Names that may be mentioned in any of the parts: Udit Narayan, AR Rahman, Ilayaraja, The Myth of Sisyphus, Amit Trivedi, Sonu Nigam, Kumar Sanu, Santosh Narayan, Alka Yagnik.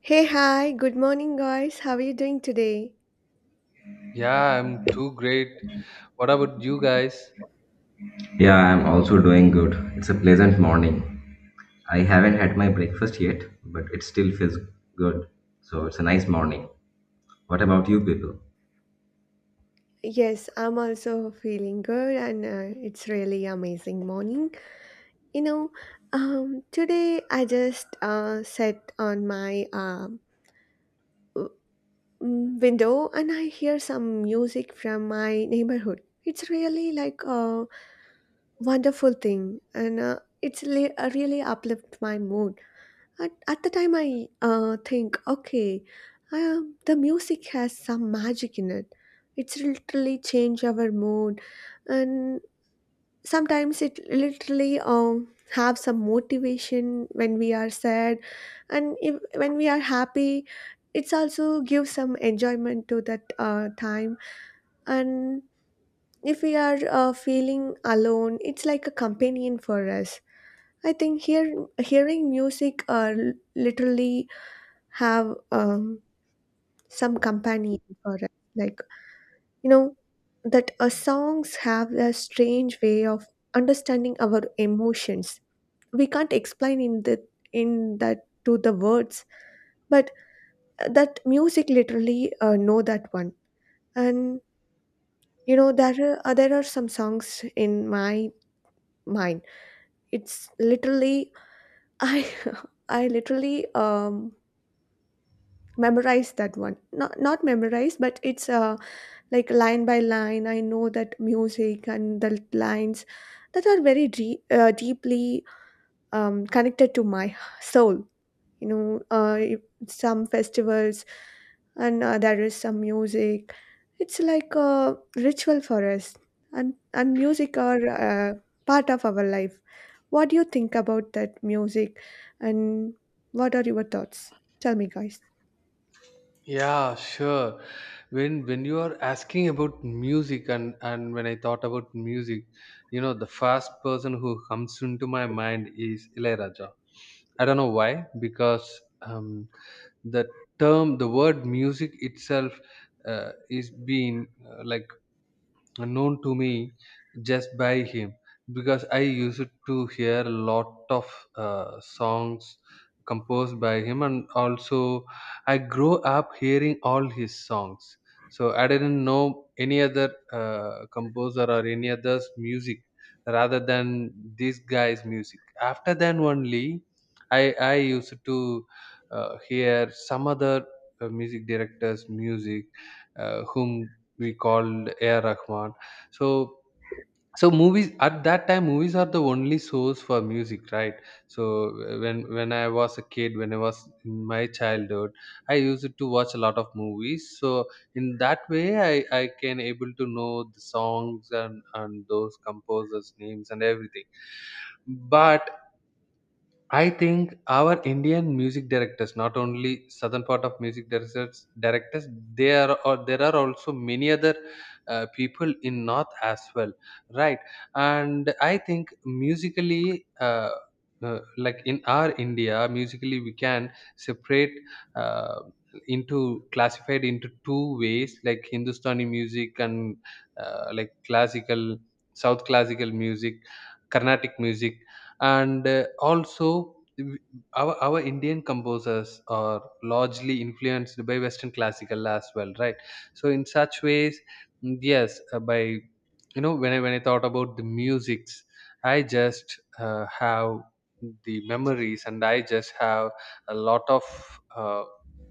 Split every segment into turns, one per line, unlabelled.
Hey, hi, good morning, guys. How are you doing today?
Yeah, I'm too great. What about you guys?
Yeah, I'm also doing good. It's a pleasant morning. I haven't had my breakfast yet, but it still feels good. So it's a nice morning. What about you people?
Yes, I'm also feeling good, and it's really amazing morning. You know, Today I just sat on my w- window and I hear some music from my neighborhood. It's really like a wonderful thing, and really uplift my mood. At the time, I think, okay, the music has some magic in it. It's literally change our mood, and sometimes it literally have some motivation when we are sad, and if, when we are happy, it's also gives some enjoyment to that time. And if we are feeling alone, it's like a companion for us. I think here hearing music literally have some companion for us. Like, you know, that songs have a strange way of understanding our emotions. We can't explain in the in that to the words, but that music literally know that one. And you know, there are some songs in my mind. It's literally I I literally memorize that one. Not memorize, but it's like line by line I know that music and the lines that are very deeply connected to my soul. You know, if some festivals and there is some music, it's like a ritual for us, and music are part of our life. What do you think about that music, and what are your thoughts? Tell me, guys.
Yeah, sure. When you are asking about music and when I thought about music, you know, the first person who comes into my mind is Ilayaraja. I don't know why, because um, the term, the word music itself is being like known to me just by him because I used to hear a lot of songs composed by him, and also I grew up hearing all his songs. So I didn't know any other composer or any other's music rather than this guy's music. After then only, I used to hear some other music directors' music whom we called AR Rahman. So so movies at that time, movies are the only source for music, right? So when I was a kid, when I was in my childhood, I used to watch a lot of movies. So in that way, I can able to know the songs, and those composers names and everything. But I think our Indian music directors, not only southern part of music directors, they are, or there are also many other people in north as well, right? And I think musically, like in our India, musically we can separate uh, into, classified into two ways, like Hindustani music and like classical, South classical music, Carnatic music, and also our Indian composers are largely influenced by Western classical as well, right? So in such ways, yes, by, you know, when I thought about the musics, I just have the memories, and I just have a lot of, uh,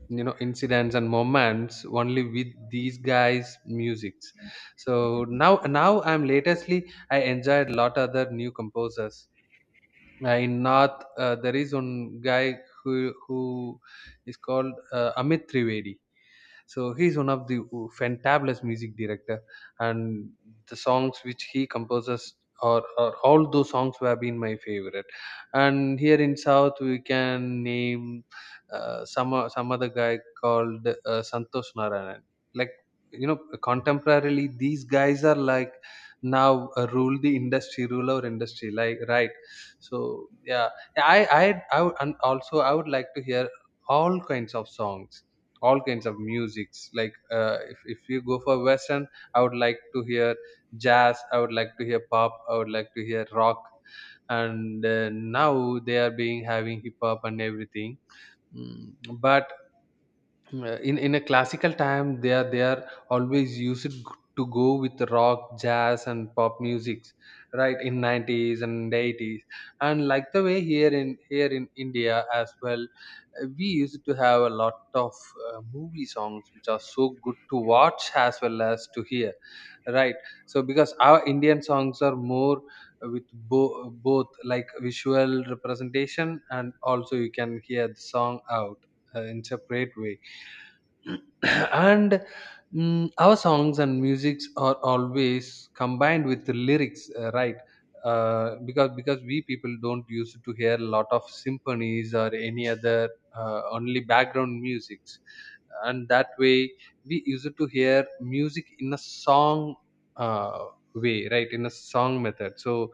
you know, incidents and moments only with these guys' musics. So now I'm latestly, I enjoyed lot other new composers in north. There is one guy who is called Amit Trivedi. So he's one of the fantabulous music director and the songs which he composes, or all those songs have been my favorite. And here in south, we can name some other guy called Santosh Narayan. Like, you know, contemporarily, these guys are like now rule the industry, rule our industry like, right? So yeah, and also I would like to hear all kinds of songs, all kinds of musics. Like if you go for western, I would like to hear jazz, I would like to hear pop, I would like to hear rock, and now they are being having hip hop and everything. Mm, but Mm, in a classical time, they are always used to go with rock, jazz and pop musics, right? In 90s and 80s. And like the way here, in India as well, we used to have a lot of movie songs, which are so good to watch as well as to hear, right? So because our Indian songs are more with both, like visual representation, and also you can hear the song out in separate way. And our songs and musics are always combined with the lyrics, right? Because we people don't used to hear a lot of symphonies or any other only background musics. And that way, we used to hear music in a song, uh, way, right? In a song method. So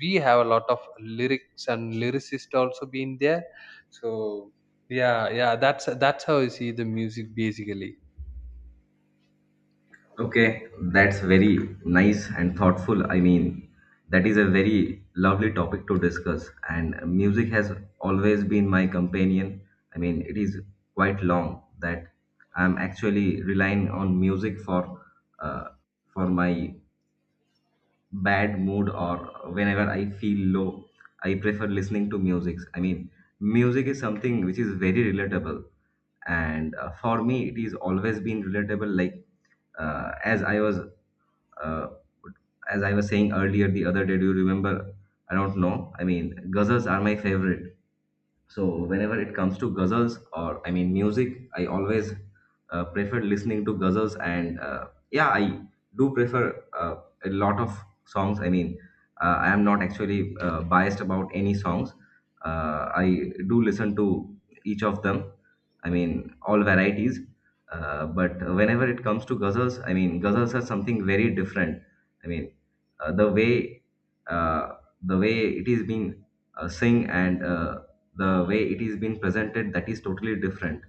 we have a lot of lyrics, and lyricist also being there. So yeah, yeah, that's how I see the music basically.
Okay, that's very nice and thoughtful. I mean, that is a very lovely topic to discuss. And music has always been my companion. I mean, it is quite long that I'm actually relying on music uh, for my bad mood or whenever I feel low, I prefer listening to music. I mean, music is something which is very relatable, and for me, it is always been relatable. Like uh, as I was uh, as I was saying earlier the other day. Do you remember? I don't know. I mean, ghazals are my favorite, so whenever it comes to ghazals, or I mean music, I always prefer listening to ghazals, and yeah, I do prefer a lot of songs. I mean, I am not actually biased about any songs. I do listen to each of them. I mean, all varieties. But whenever it comes to ghazals, I mean, ghazals are something very different. I mean, uh, the way uh, the way it is being sing, and the way it is being presented, that is totally different.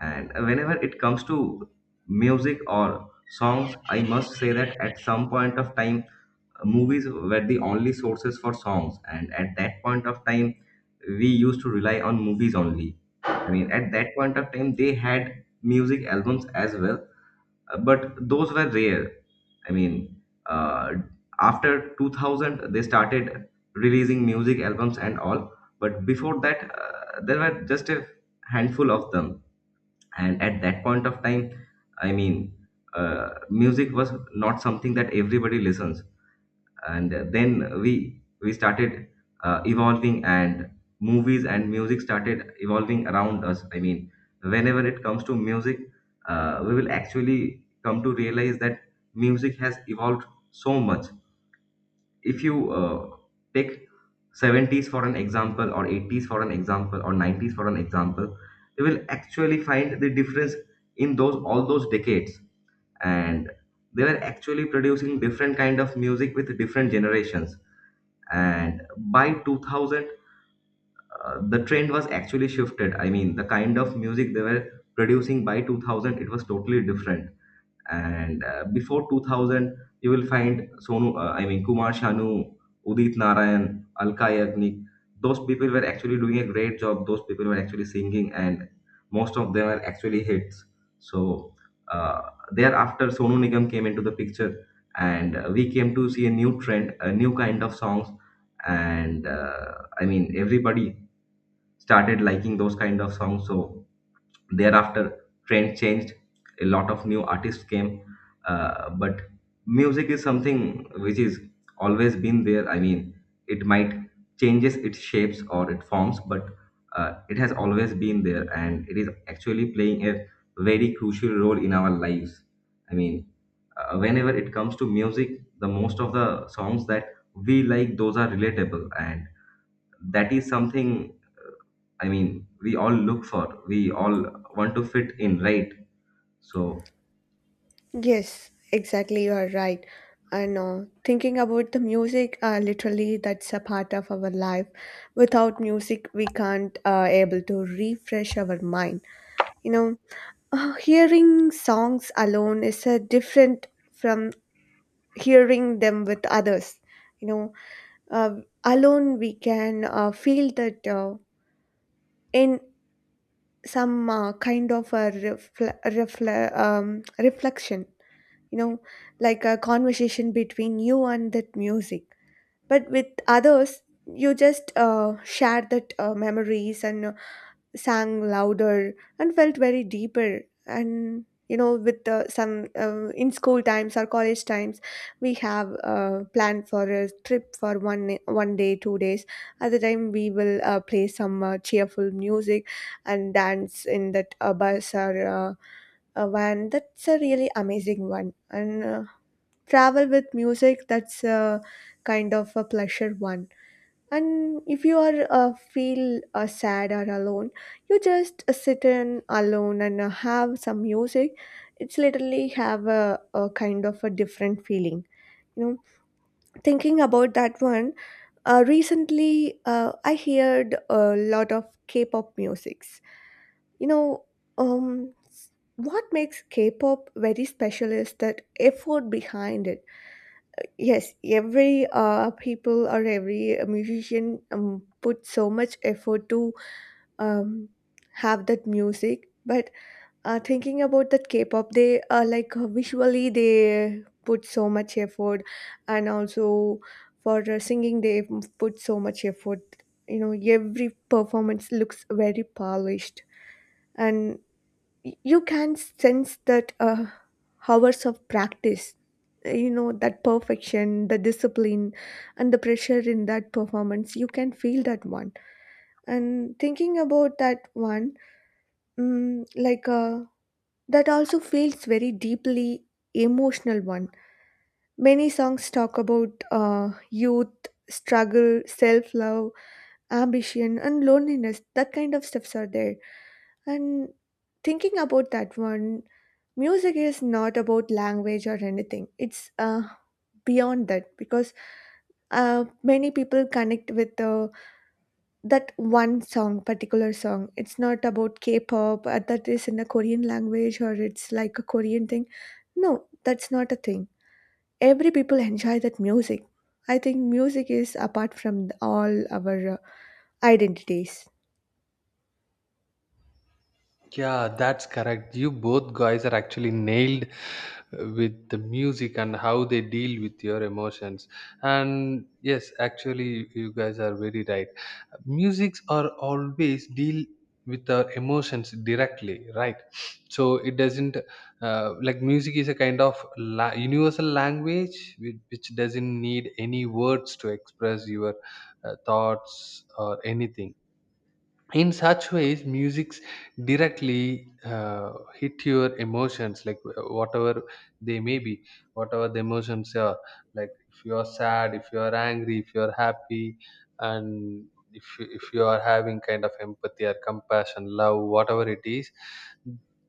And whenever it comes to music or songs, I must say that at some point of time, movies were the only sources for songs, and at that point of time, we used to rely on movies only. I mean, at that point of time, they had music albums as well, but those were rare. I mean, uh, after 2000, they started releasing music albums and all. But before that, there were just a handful of them. And at that point of time, I mean, music was not something that everybody listens. And then we started evolving, and movies and music started evolving around us. I mean, whenever it comes to music, we will actually come to realize that music has evolved so much. If you take 70s for an example, or 80s for an example, or 90s for an example, you will actually find the difference in those, all those decades. And they were actually producing different kind of music with different generations. And by 2000, the trend was actually shifted. I mean, the kind of music they were producing by 2000, it was totally different. And before 2000, you will find Sonu I mean Kumar Sanu, Udit Narayan, Alka Yagnik. Those people were actually doing a great job. Those people were actually singing, and most of them are actually hits. So uh, thereafter, Sonu Nigam came into the picture, and we came to see a new trend, a new kind of songs, and I mean everybody started liking those kind of songs. So thereafter trend changed, a lot of new artists came, but music is something which is always been there. I mean, it might changes its shapes or its forms, but it has always been there, and it is actually playing a very crucial role in our lives. I mean, whenever it comes to music, the most of the songs that we like, those are relatable, and that is something, I mean, we all look for, we all want to fit in, right? So,
Yes, exactly. You are right. And thinking about the music, literally, that's a part of our life. Without music, we can't able to refresh our mind. You know, hearing songs alone is different from hearing them with others. You know, uh, alone we can feel that in some kind of a reflection, you know, like a conversation between you and that music. But with others, you just shared that memories and sang louder and felt very deeper. And you know, with some in school times or college times, we have planned for a trip for one day, 2 days. At the time, we will play some cheerful music and dance in that bus or a van. That's a really amazing one. And. Travel with music, that's a kind of a pleasure one. And if you are feel sad or alone, you just sit in alone and have some music, it's literally have a kind of a different feeling, you know. Thinking about that one, recently I heard a lot of K-pop musics, you know. um what makes K-pop very special is that effort behind it. Yes, every people or every musician put so much effort to um, have that music. But thinking about that K-pop, they visually they put so much effort, and also for singing they put so much effort. You know, every performance looks very polished, and you can sense that hours of practice. You know, that perfection, the discipline and the pressure in that performance, you can feel that one. And thinking about that one, mm, like uh, that also feels very deeply emotional one. Many songs talk about youth struggle, self-love, ambition and loneliness, that kind of stuffs are there. And thinking about that one, music is not about language or anything, it's beyond that. Because many people connect with particular song. It's not about K-pop that is in the Korean language or it's like a Korean thing. No, that's not a thing. Every people enjoy that music. I think music is apart from all our identities.
Yeah, that's correct. You both guys are actually nailed with the music and how they deal with your emotions. And yes, actually, you guys are very right. Musics are always deal with our emotions directly, right? So it doesn't like, music is a kind of universal language, which doesn't need any words to express your thoughts or anything. In such ways, musics directly hit your emotions. Like whatever they may be, whatever the emotions are, like if you are sad, if you are angry, if you are happy, and if you are having kind of empathy or compassion, love, whatever it is,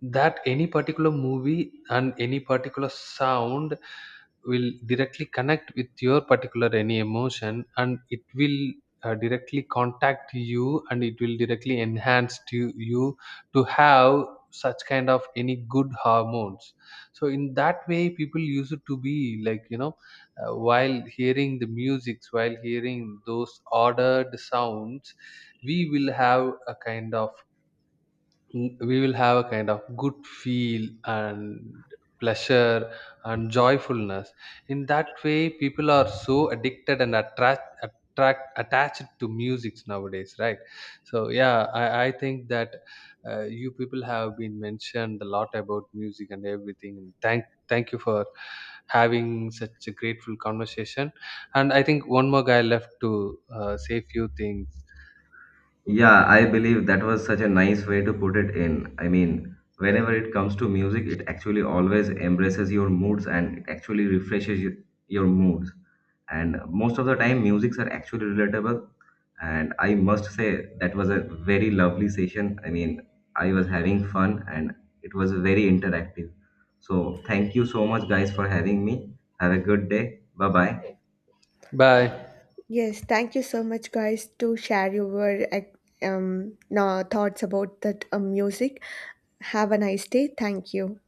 that any particular movie and any particular sound will directly connect with your particular any emotion, and it will directly contact you, and it will directly enhance to you to have such kind of any good hormones. So in that way, people used to be like, you know, while hearing the musics, while hearing those ordered sounds, we will have a kind of, we will have a kind of good feel and pleasure and joyfulness. In that way, people are so addicted and attract attached to music nowadays, right? So yeah, I think that you people have been mentioned a lot about music and everything. Thank you for having such a grateful conversation. And I think one more guy left to say few things.
yeah, I believe that was such a nice way to put it in. I mean, whenever it comes to music, it actually always embraces your moods, and it actually refreshes your moods. And most of the time, musics are actually relatable. And I must say, that was a very lovely session. I mean, I was having fun and it was very interactive. So, thank you so much, guys, for having me. Have a good day. Bye bye.
Bye.
Yes, thank you so much, guys, to share your no, thoughts about that music. Have a nice day. Thank you.